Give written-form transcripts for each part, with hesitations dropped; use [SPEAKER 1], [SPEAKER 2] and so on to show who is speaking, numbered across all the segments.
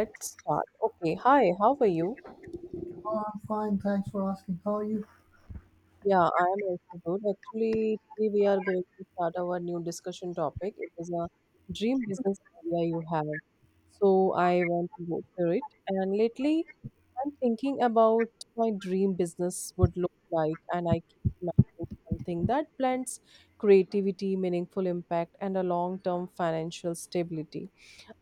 [SPEAKER 1] Let's start. Okay, hi, how are you?
[SPEAKER 2] Oh, I'm fine. Thanks for asking. How are you?
[SPEAKER 1] Yeah, I am also good. Actually, today we are going to start our new discussion topic. It is a dream business idea you have. So I want to go for it. And lately, I'm thinking about my dream business would look like, and I keep imagining something that blends creativity, meaningful impact, and a long-term financial stability.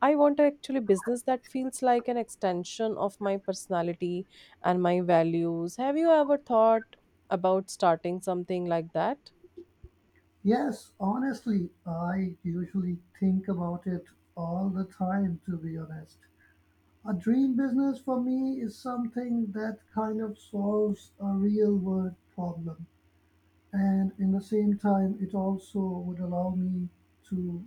[SPEAKER 1] I want actually business that feels like an extension of my personality and my values. Have you ever thought about starting something like that?
[SPEAKER 2] Yes, honestly, I usually think about it all the time, to be honest. A dream business for me is something that kind of solves a real world problem. And in the same time, it also would allow me to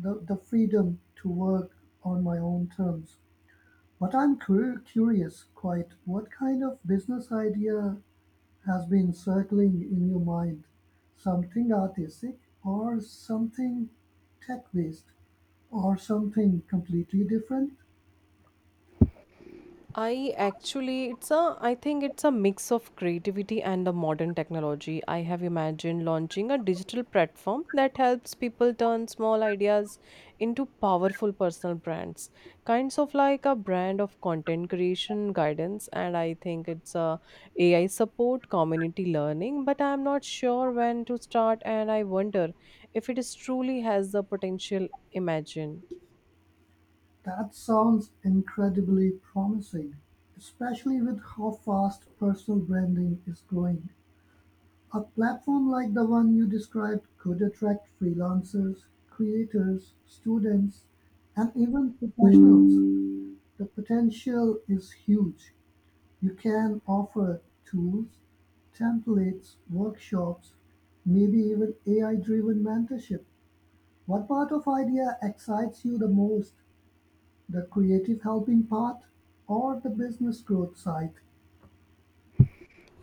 [SPEAKER 2] the freedom to work on my own terms. But curious, quite, what kind of business idea has been circling in your mind? Something artistic, or something tech based, or something completely different?
[SPEAKER 1] I actually, it's a, I think it's a mix of creativity and the modern technology. I have imagined launching a digital platform that helps people turn small ideas into powerful personal brands, kinds of like a brand of content creation guidance. And I think it's a AI support, community learning, but I'm not sure when to start. And I wonder if it is truly has the potential imagine.
[SPEAKER 2] That sounds incredibly promising, especially with how fast personal branding is growing. A platform like the one you described could attract freelancers, creators, students, and even professionals. The potential is huge. You can offer tools, templates, workshops, maybe even AI-driven mentorship. What part of idea excites you the most? The creative helping part or the business growth side?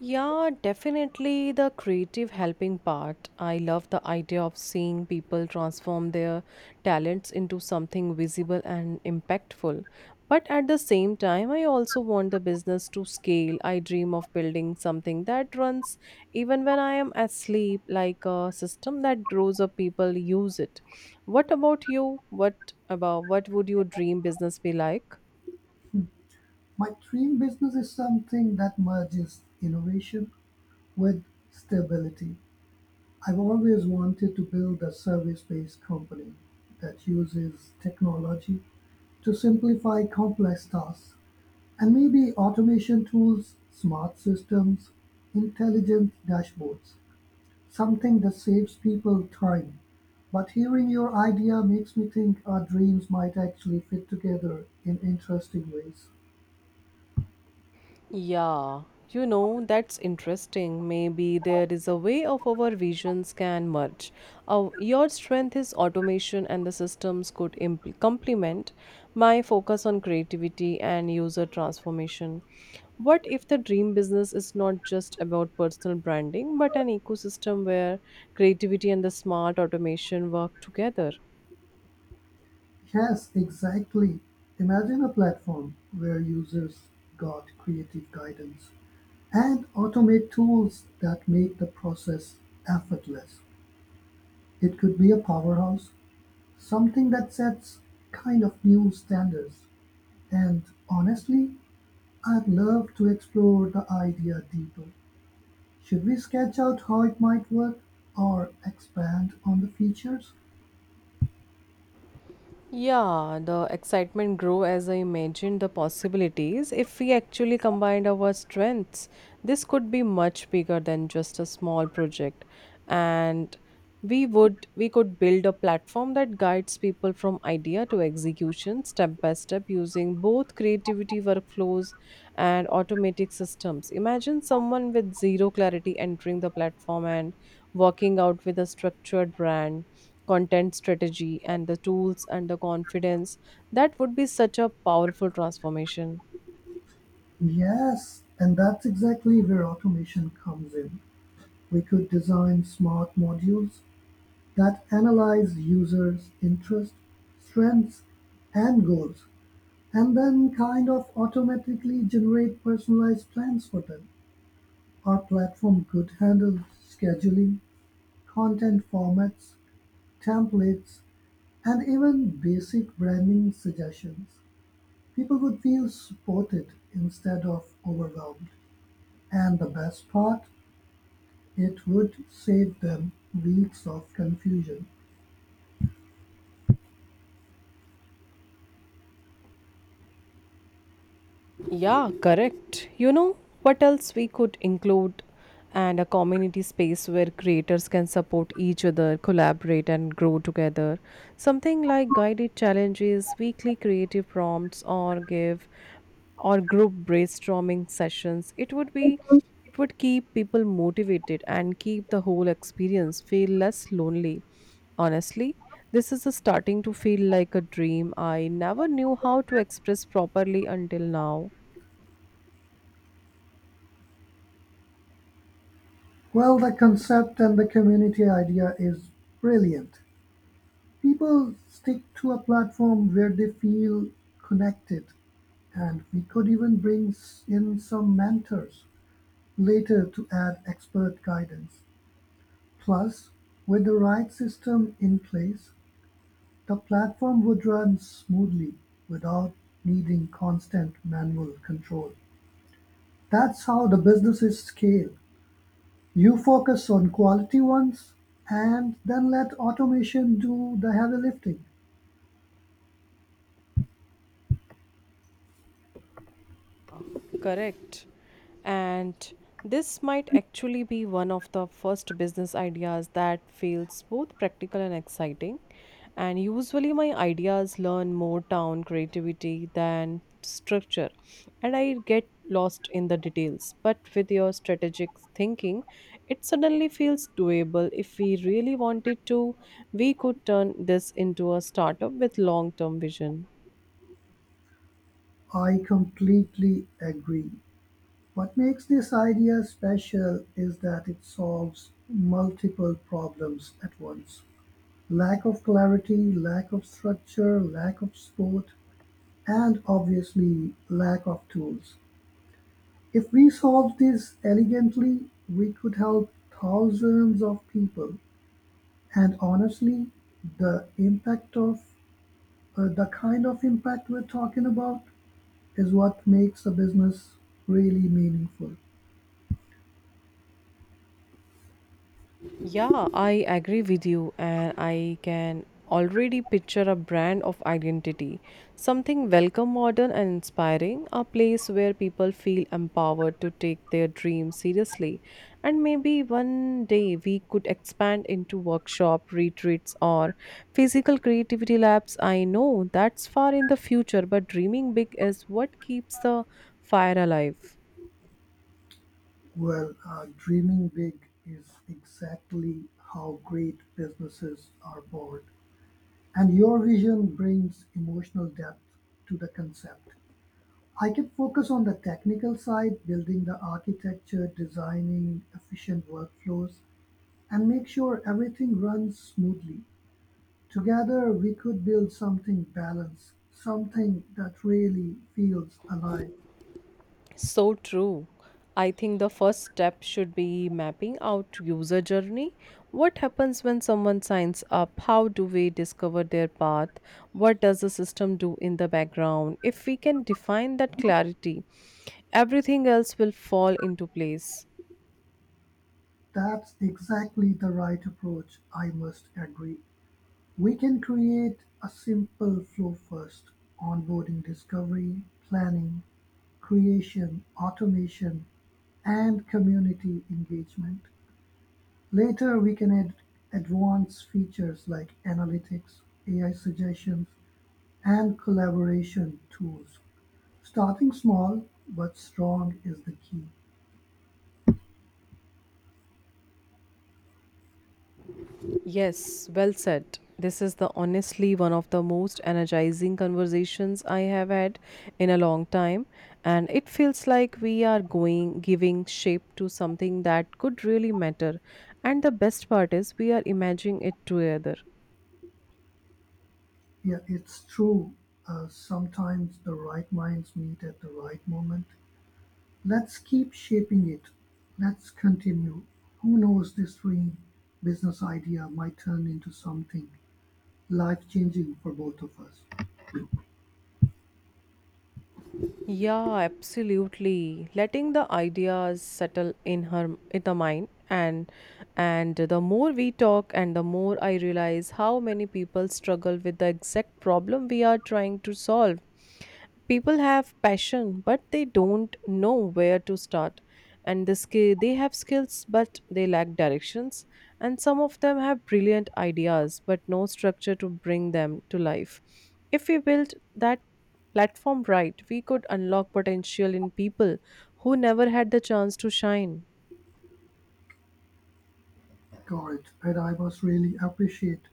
[SPEAKER 1] Yeah, definitely the creative helping part. I love the idea of seeing people transform their talents into something visible and impactful. But at the same time, I also want the business to scale. I dream of building something that runs even when I am asleep, like a system that grows up, people use it. What about you? What about what would your dream business be like?
[SPEAKER 2] My dream business is something that merges innovation with stability. I've always wanted to build a service-based company that uses technology to simplify complex tasks. And maybe automation tools, smart systems, intelligent dashboards. Something that saves people time. But hearing your idea makes me think our dreams might actually fit together in interesting ways.
[SPEAKER 1] Yeah, that's interesting. Maybe there is a way of our visions can merge. Your strength is automation, and the systems could complement my focus on creativity and user transformation. What if the dream business is not just about personal branding, but an ecosystem where creativity and the smart automation work together?
[SPEAKER 2] Yes, exactly. Imagine a platform where users got creative guidance and automate tools that make the process effortless. It could be a powerhouse, something that sets kind of new standards. And honestly, I'd love to explore the idea deeper. Should we sketch out how it might work or expand on the features?
[SPEAKER 1] Yeah, the excitement grew as I imagined the possibilities. If we actually combined our strengths, this could be much bigger than just a small project. And we could build a platform that guides people from idea to execution step by step using both creativity workflows and automatic systems. Imagine someone with zero clarity entering the platform and walking out with a structured brand content strategy and the tools and the confidence that would be such a powerful transformation.
[SPEAKER 2] Yes, and that's exactly where automation comes in. We could design smart modules that analyze users' interests, strengths, and goals, and then kind of automatically generate personalized plans for them. Our platform could handle scheduling, content formats, templates, and even basic branding suggestions. People would feel supported instead of overwhelmed. And the best part, it would save them weeks of confusion.
[SPEAKER 1] Yeah, correct. What else we could include? And a community space where creators can support each other, collaborate, and grow together. Something like guided challenges, weekly creative prompts, or group brainstorming sessions. It would keep people motivated and keep the whole experience feel less lonely. Honestly, this is a starting to feel like a dream I never knew how to express properly until now.
[SPEAKER 2] Well, the concept and the community idea is brilliant. People stick to a platform where they feel connected, and we could even bring in some mentors later to add expert guidance. Plus, with the right system in place, the platform would run smoothly without needing constant manual control. That's how the businesses scale. You focus on quality ones and then let automation do the heavy lifting.
[SPEAKER 1] Correct. And this might actually be one of the first business ideas that feels both practical and exciting. And usually, my ideas learn more down creativity than structure, and I get lost in the details. But with your strategic thinking, it suddenly feels doable. If we really wanted to, we could turn this into a startup with long term vision.
[SPEAKER 2] I completely agree. What makes this idea special is that it solves multiple problems at once: lack of clarity, lack of structure, lack of support, and obviously lack of tools. If we solved this elegantly, we could help thousands of people. And honestly, the impact of, the kind of impact we're talking about is what makes a business really meaningful.
[SPEAKER 1] Yeah, I agree with you, and I can already picture a brand of identity something welcome, modern, and inspiring, a place where people feel empowered to take their dreams seriously. And maybe one day we could expand into workshop, retreats, or physical creativity labs. I know that's far in the future, but dreaming big is what keeps the fire alive.
[SPEAKER 2] Well, dreaming big is exactly how great businesses are born. And your vision brings emotional depth to the concept. I can focus on the technical side, building the architecture, designing efficient workflows, and make sure everything runs smoothly. Together, we could build something balanced, something that really feels alive.
[SPEAKER 1] So true. I think the first step should be mapping out user journey. What happens when someone signs up? How do we discover their path? What does the system do in the background? If we can define that clarity, everything else will fall into place.
[SPEAKER 2] That's exactly the right approach, I must agree. We can create a simple flow first: onboarding discovery, planning, creation, automation, and community engagement. Later we can add advanced features like analytics, AI suggestions, and collaboration tools. Starting small but strong is the key.
[SPEAKER 1] Yes, well said. This is the honestly one of the most energizing conversations I have had in a long time, and it feels like we are going giving shape to something that could really matter, and the best part is we are imagining it together.
[SPEAKER 2] Yeah, it's true. Sometimes the right minds meet at the right moment. Let's keep shaping it. Let's continue. Who knows, this dream business idea might turn into something life changing for both of us.
[SPEAKER 1] Yeah, absolutely. Letting the ideas settle in the mind, and the more we talk and the more I realize how many people struggle with the exact problem we are trying to solve. People have passion but they don't know where to start, and they have skills but they lack directions, and some of them have brilliant ideas but no structure to bring them to life. If we build that platform right, we could unlock potential in people who never had the chance to shine.
[SPEAKER 2] George, and I must really appreciate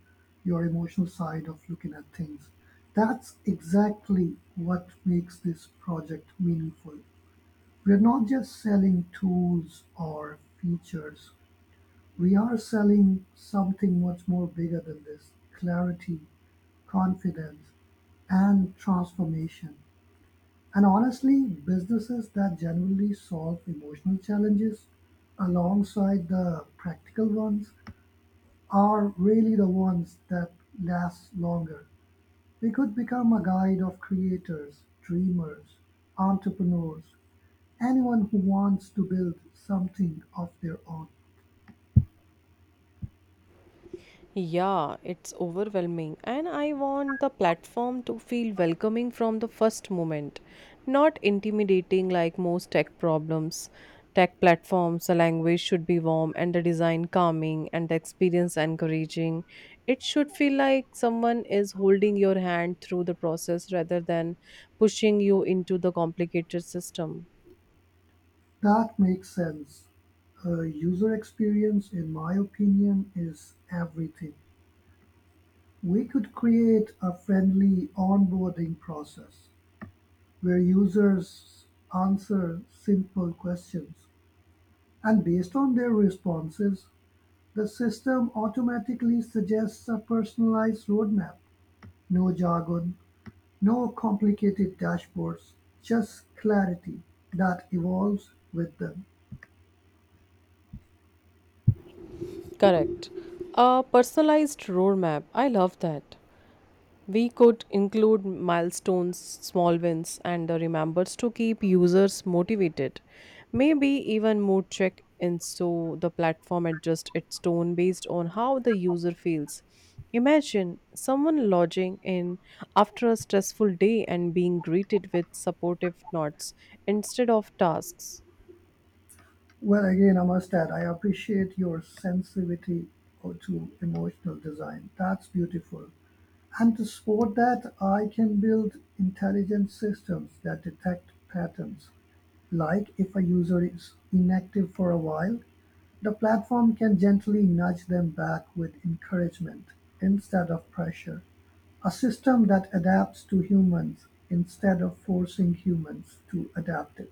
[SPEAKER 2] your emotional side of looking at things. That's exactly what makes this project meaningful. We're not just selling tools or features, we are selling something much more bigger than this: clarity, confidence, and transformation. And honestly, businesses that generally solve emotional challenges alongside the practical ones are really the ones that last longer. We could become a guide of creators, dreamers, entrepreneurs, anyone who wants to build something of their own.
[SPEAKER 1] Yeah, it's overwhelming, and I want the platform to feel welcoming from the first moment, not intimidating like most tech problems. Tech platforms, the language should be warm and the design calming and the experience encouraging. It should feel like someone is holding your hand through the process rather than pushing you into the complicated system.
[SPEAKER 2] That makes sense. User experience, in my opinion, is everything. We could create a friendly onboarding process where users answer simple questions, and based on their responses, the system automatically suggests a personalized roadmap: no jargon, no complicated dashboards, just clarity that evolves with them.
[SPEAKER 1] Correct. A personalized roadmap. I love that. We could include milestones, small wins, and the remembers to keep users motivated. Maybe even mood check in so the platform adjusts its tone based on how the user feels. Imagine someone lodging in after a stressful day and being greeted with supportive nods instead of tasks.
[SPEAKER 2] Well, again, I must add, I appreciate your sensitivity to emotional design. That's beautiful. And to support that, I can build intelligent systems that detect patterns, like if a user is inactive for a while, the platform can gently nudge them back with encouragement instead of pressure, a system that adapts to humans instead of forcing humans to adapt it.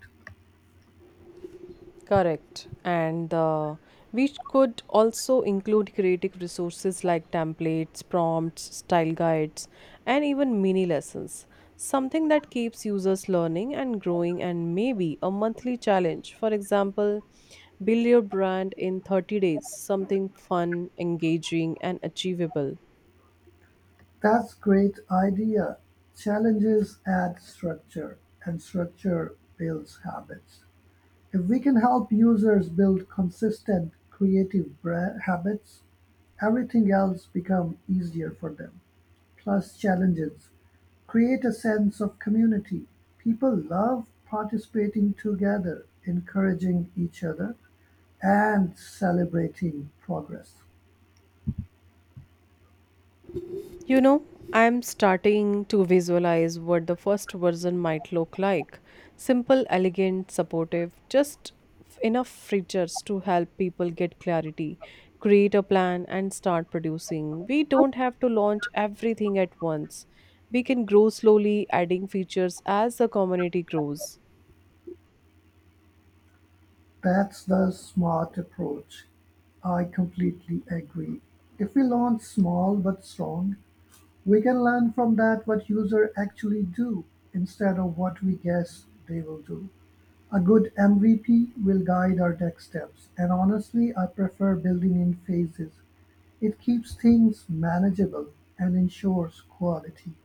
[SPEAKER 1] Correct. And we could also include creative resources like templates, prompts, style guides, and even mini lessons. Something that keeps users learning and growing, and maybe a monthly challenge. For example, build your brand in 30 days, something fun, engaging, and achievable.
[SPEAKER 2] That's great idea. Challenges add structure and structure builds habits. If we can help users build consistent habits, everything else become easier for them. Plus challenges create a sense of community. People love participating together, encouraging each other, and celebrating progress.
[SPEAKER 1] You know, I'm starting to visualize what the first version might look like. Simple, elegant, supportive, just enough features to help people get clarity, create a plan, and start producing. We don't have to launch everything at once. We can grow slowly, adding features as the community grows.
[SPEAKER 2] That's the smart approach. I completely agree. If we launch small but strong, we can learn from that what users actually do instead of what we guess they will do. A good MVP will guide our next steps, and honestly, I prefer building in phases. It keeps things manageable and ensures quality.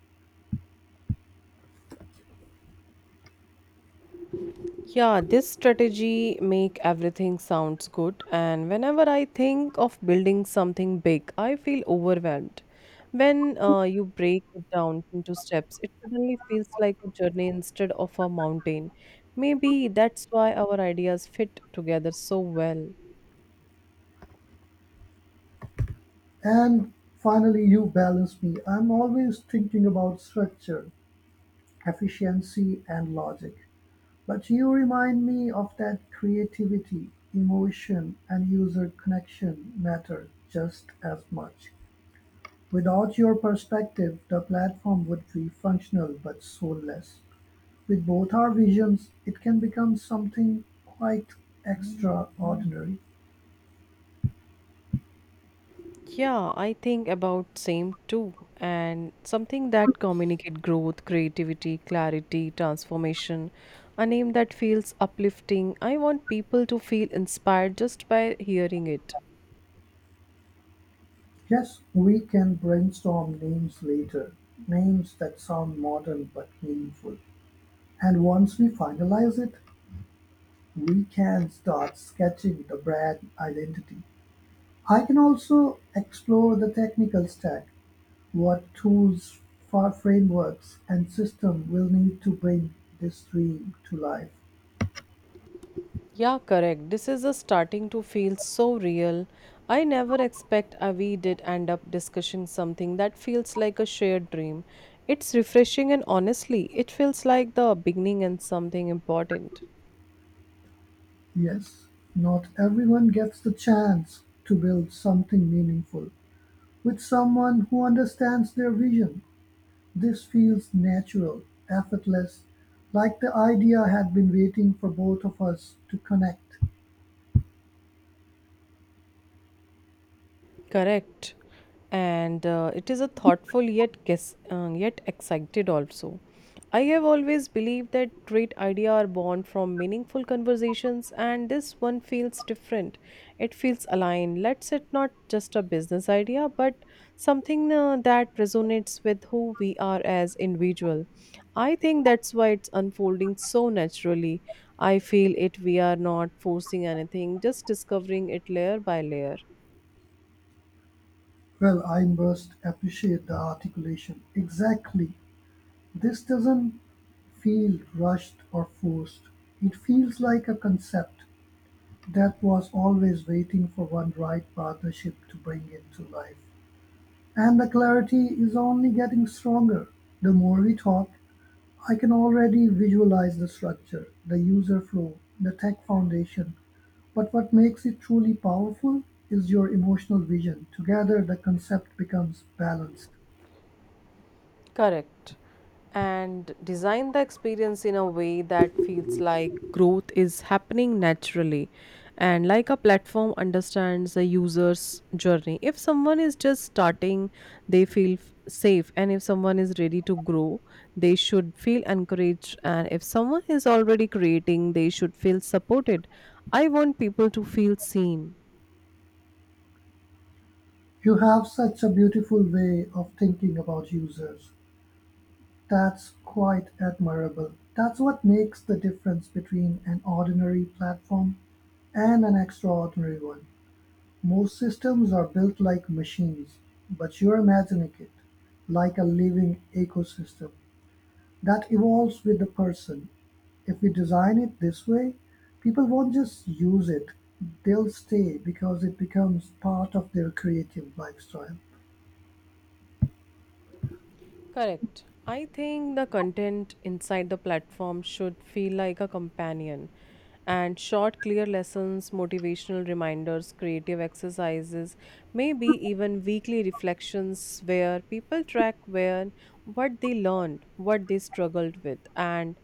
[SPEAKER 1] Yeah, this strategy make everything sounds good, and whenever I think of building something big, I feel overwhelmed. When you break it down into steps, it suddenly feels like a journey instead of a mountain. Maybe that's why our ideas fit together so well.
[SPEAKER 2] And finally, you balance me. I'm always thinking about structure, efficiency, and logic. But you remind me of that creativity, emotion, and user connection matter just as much. Without your perspective, the platform would be functional but soulless. With both our visions, it can become something quite extraordinary.
[SPEAKER 1] Yeah, I think about same too. And something that communicate growth, creativity, clarity, transformation, a name that feels uplifting. I want people to feel inspired just by hearing it.
[SPEAKER 2] Yes, we can brainstorm names later, names that sound modern but meaningful. And once we finalize it, we can start sketching the brand identity. I can also explore the technical stack, what tools, frameworks, and system will need to bring this dream to life.
[SPEAKER 1] Yeah, correct. This is a starting to feel so real. I never expect we did end up discussing something that feels like a shared dream. It's refreshing, and honestly, it feels like the beginning and something important.
[SPEAKER 2] Yes, not everyone gets the chance to build something meaningful with someone who understands their vision. This feels natural, effortless, like the idea had been waiting for both of us to connect.
[SPEAKER 1] Correct. And it is a thoughtful yet guess, yet excited also. I have always believed that great ideas are born from meaningful conversations, and this one feels different. It feels aligned. Let's it not just a business idea, but something that resonates with who we are as individual. I think that's why it's unfolding so naturally. I feel it. We are not forcing anything, just discovering it layer by layer.
[SPEAKER 2] Well, I must appreciate the articulation. Exactly. This doesn't feel rushed or forced. It feels like a concept that was always waiting for one right partnership to bring it to life. And the clarity is only getting stronger the more we talk. I can already visualize the structure, the user flow, the tech foundation, but what makes it truly powerful is your emotional vision. Together, the concept becomes balanced.
[SPEAKER 1] Correct. And design the experience in a way that feels like growth is happening naturally and like a platform understands the user's journey. If someone is just starting, they feel safe. And if someone is ready to grow, they should feel encouraged. And if someone is already creating, they should feel supported. I want people to feel seen.
[SPEAKER 2] You have such a beautiful way of thinking about users. That's quite admirable. That's what makes the difference between an ordinary platform and an extraordinary one. Most systems are built like machines, but you're imagining it like a living ecosystem that evolves with the person. If we design it this way, people won't just use it, they'll stay because it becomes part of their creative lifestyle.
[SPEAKER 1] Correct. I think the content inside the platform should feel like a companion. And short, clear lessons, motivational reminders, creative exercises, maybe even weekly reflections where people track where what they learned, what they struggled with, and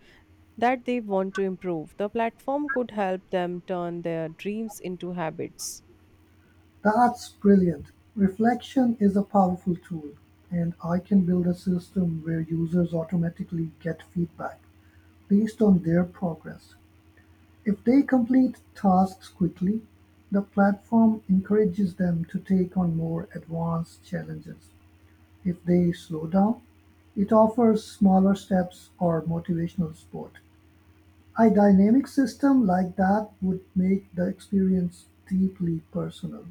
[SPEAKER 1] that they want to improve. The platform could help them turn their dreams into habits.
[SPEAKER 2] That's brilliant. Reflection is a powerful tool, and I can build a system where users automatically get feedback based on their progress. If they complete tasks quickly, the platform encourages them to take on more advanced challenges. If they slow down, it offers smaller steps or motivational support. A dynamic system like that would make the experience deeply personal.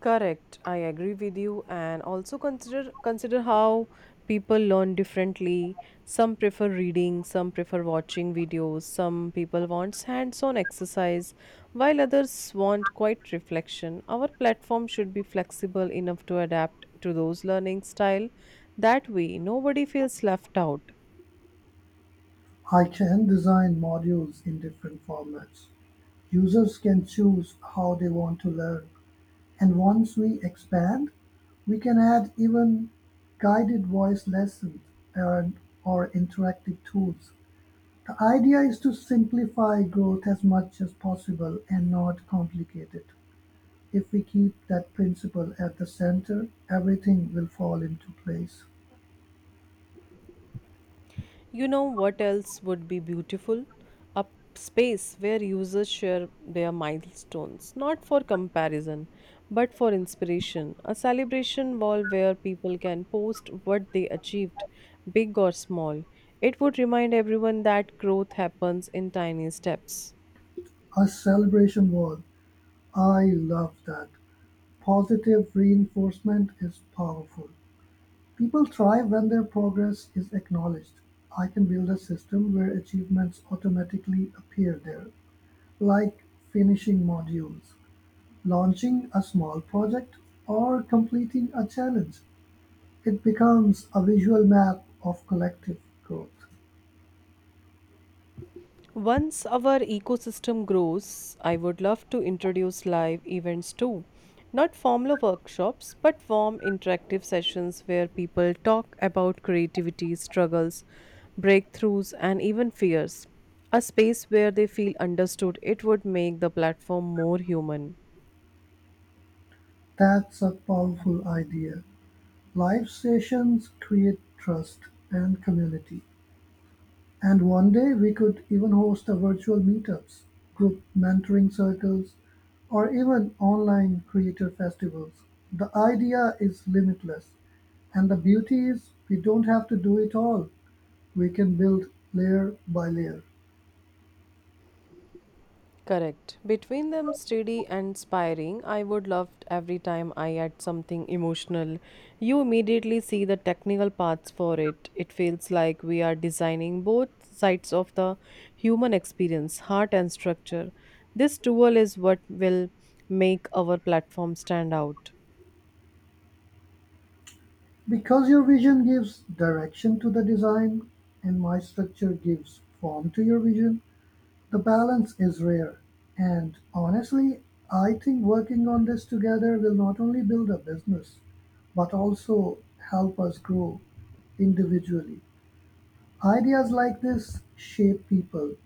[SPEAKER 1] Correct. I agree with you, and also consider how people learn differently. Some prefer reading, some prefer watching videos, some people wants hands-on exercise, while others want quiet reflection. Our platform should be flexible enough to adapt to those learning style. That way, nobody feels left out.
[SPEAKER 2] I can design modules in different formats. Users can choose how they want to learn. And once we expand, we can add even guided voice lessons and, or interactive tools. The idea is to simplify growth as much as possible and not complicate it. If we keep that principle at the center, everything will fall into place.
[SPEAKER 1] What else would be beautiful? A space where users share their milestones, not for comparison, but for inspiration. A celebration wall where people can post what they achieved, big or small. It would remind everyone that growth happens in tiny steps.
[SPEAKER 2] A celebration wall. I love that. Positive reinforcement is powerful. People thrive when their progress is acknowledged. I can build a system where achievements automatically appear there, like finishing modules, launching a small project, or completing a challenge. It becomes a visual map of collective growth.
[SPEAKER 1] Once our ecosystem grows, I would love to introduce live events too. Not formal workshops, but warm interactive sessions where people talk about creativity, struggles, breakthroughs, and even fears. A space where they feel understood, it would make the platform more human.
[SPEAKER 2] That's a powerful idea. Live stations create trust and community. And one day we could even host a virtual meetups, group mentoring circles, or even online creator festivals. The idea is limitless. And the beauty is we don't have to do it all. We can build layer by layer.
[SPEAKER 1] Correct. Between them, steady and inspiring, I would love every time I add something emotional. You immediately see the technical parts for it. It feels like we are designing both sides of the human experience, heart and structure. This tool is what will make our platform stand out.
[SPEAKER 2] Because your vision gives direction to the design, and my structure gives form to your vision, the balance is rare. And honestly, I think working on this together will not only build a business, but also help us grow individually. Ideas like this shape people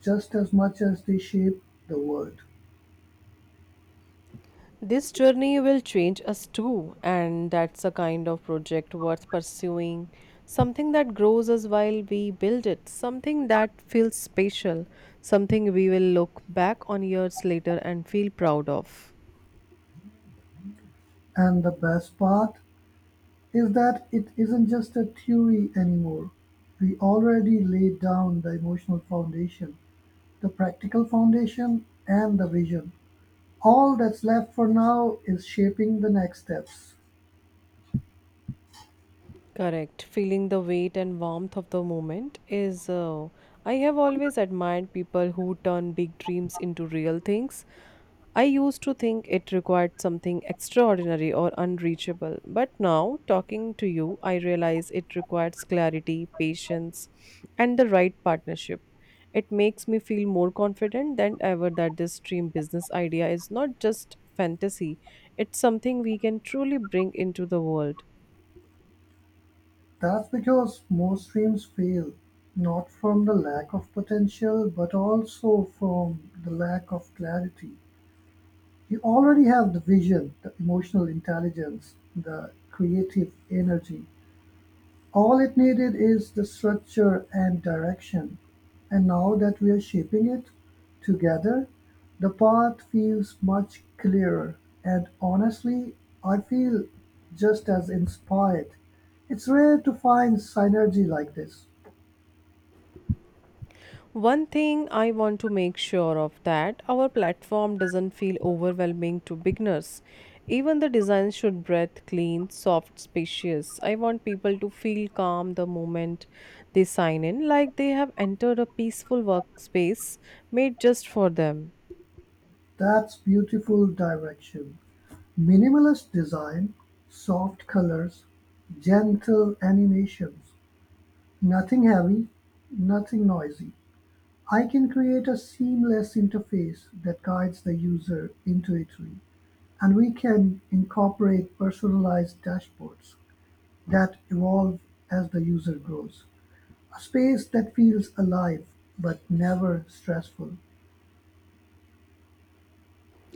[SPEAKER 2] just as much as they shape the world.
[SPEAKER 1] This journey will change us too, and that's a kind of project worth pursuing. Something that grows us while we build it, something that feels special, something we will look back on years later and feel proud of.
[SPEAKER 2] And the best part is that it isn't just a theory anymore. We already laid down the emotional foundation, the practical foundation, and the vision. All that's left for now is shaping the next steps.
[SPEAKER 1] Correct. Feeling the weight and warmth of the moment is. I have always admired people who turn big dreams into real things. I used to think it required something extraordinary or unreachable, but now, talking to you, I realize it requires clarity, patience, and the right partnership. It makes me feel more confident than ever that this dream business idea is not just fantasy, it's something we can truly bring into the world.
[SPEAKER 2] That's because most streams fail, not from the lack of potential, but also from the lack of clarity. You already have the vision, the emotional intelligence, the creative energy. All it needed is the structure and direction, and now that we're shaping it together, the path feels much clearer, and honestly, I feel just as inspired. It's rare to find synergy like this.
[SPEAKER 1] One thing I want to make sure of that our platform doesn't feel overwhelming to beginners. Even the design should breathe clean, soft, spacious. I want people to feel calm the moment they sign in, like they have entered a peaceful workspace made just for them.
[SPEAKER 2] That's beautiful direction. Minimalist design, soft colors, gentle animations, nothing heavy, nothing noisy. I can create a seamless interface that guides the user intuitively, and we can incorporate personalized dashboards that evolve as the user grows. A space that feels alive but never stressful.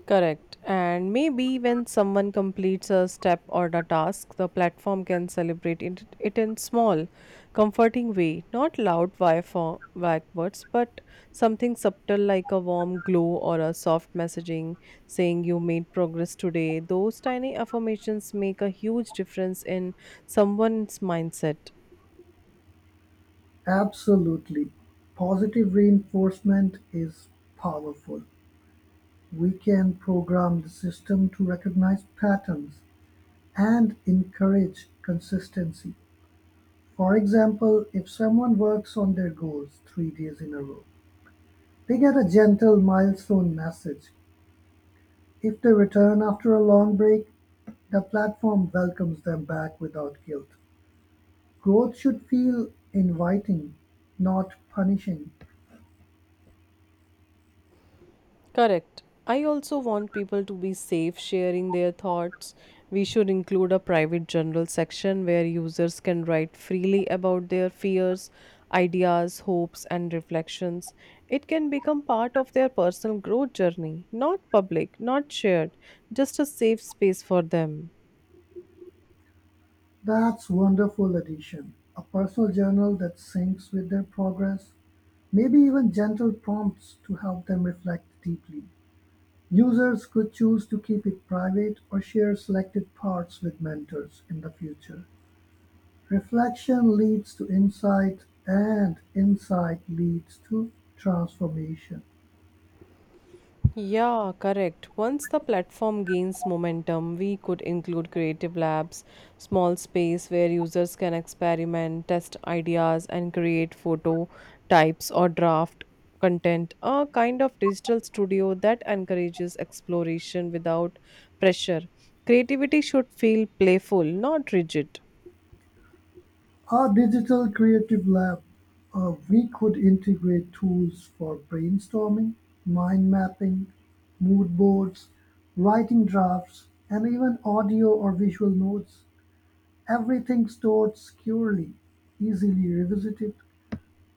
[SPEAKER 1] Correct. And maybe when someone completes a step or a task, the platform can celebrate it in small, comforting way, not loud via vague words, but something subtle like a warm glow or a soft messaging saying you made progress today. Those tiny affirmations make a huge difference in someone's mindset.
[SPEAKER 2] Absolutely. Positive reinforcement is powerful. We can program the system to recognize patterns and encourage consistency. For example, if someone works on their goals three days in a row, they get a gentle milestone message. If they return after a long break, the platform welcomes them back without guilt. Growth should feel inviting, not punishing.
[SPEAKER 1] Correct. I also want people to be safe sharing their thoughts. We should include a private general section where users can write freely about their fears, ideas, hopes, and reflections. It can become part of their personal growth journey, not public, not shared, just a safe space for them.
[SPEAKER 2] That's wonderful addition. A personal journal that syncs with their progress, maybe even gentle prompts to help them reflect deeply. Users could choose to keep it private or share selected parts with mentors in the future. Reflection leads to insight and insight leads to transformation.
[SPEAKER 1] Yeah, correct. Once the platform gains momentum, we could include creative labs, small space where users can experiment, test ideas, and create photo types or draft content. A kind of digital studio that encourages exploration without pressure. Creativity should feel playful, not rigid.
[SPEAKER 2] Our digital creative lab, we could integrate tools for brainstorming, mind mapping, mood boards, writing drafts, and even audio or visual notes. Everything stored securely, easily revisited,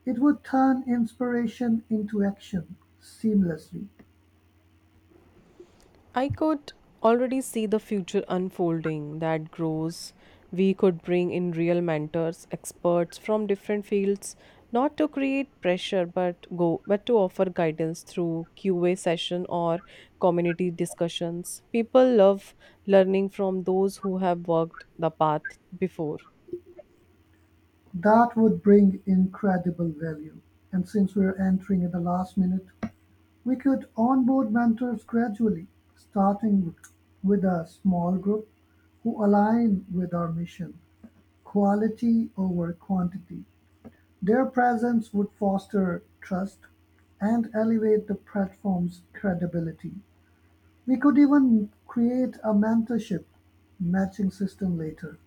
[SPEAKER 2] it would turn inspiration into action seamlessly.
[SPEAKER 1] I could already see the future unfolding that grows. We could bring in real mentors, experts from different fields, not to create pressure but to offer guidance through QA session or community discussions. People love learning from those who have walked the path before.
[SPEAKER 2] That would bring incredible value. And since we're entering at the last minute, we could onboard mentors gradually, starting with a small group who align with our mission: quality over quantity. Their presence would foster trust and elevate the platform's credibility. We could even create a mentorship matching system later.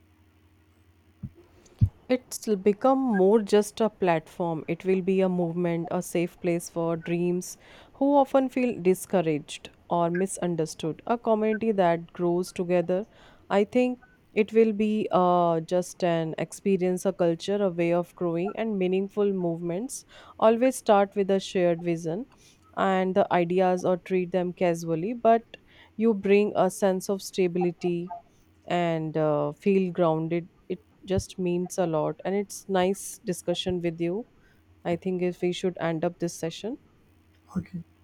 [SPEAKER 1] It's become more just a platform. It will be a movement, a safe place for dreams who often feel discouraged or misunderstood. A community that grows together. I think it will be just an experience, a culture, a way of growing, and meaningful movements always start with a shared vision and the ideas or treat them casually, but you bring a sense of stability and feel grounded just means a lot, and it's nice discussion with you. I think if we should end up this session.
[SPEAKER 2] Okay.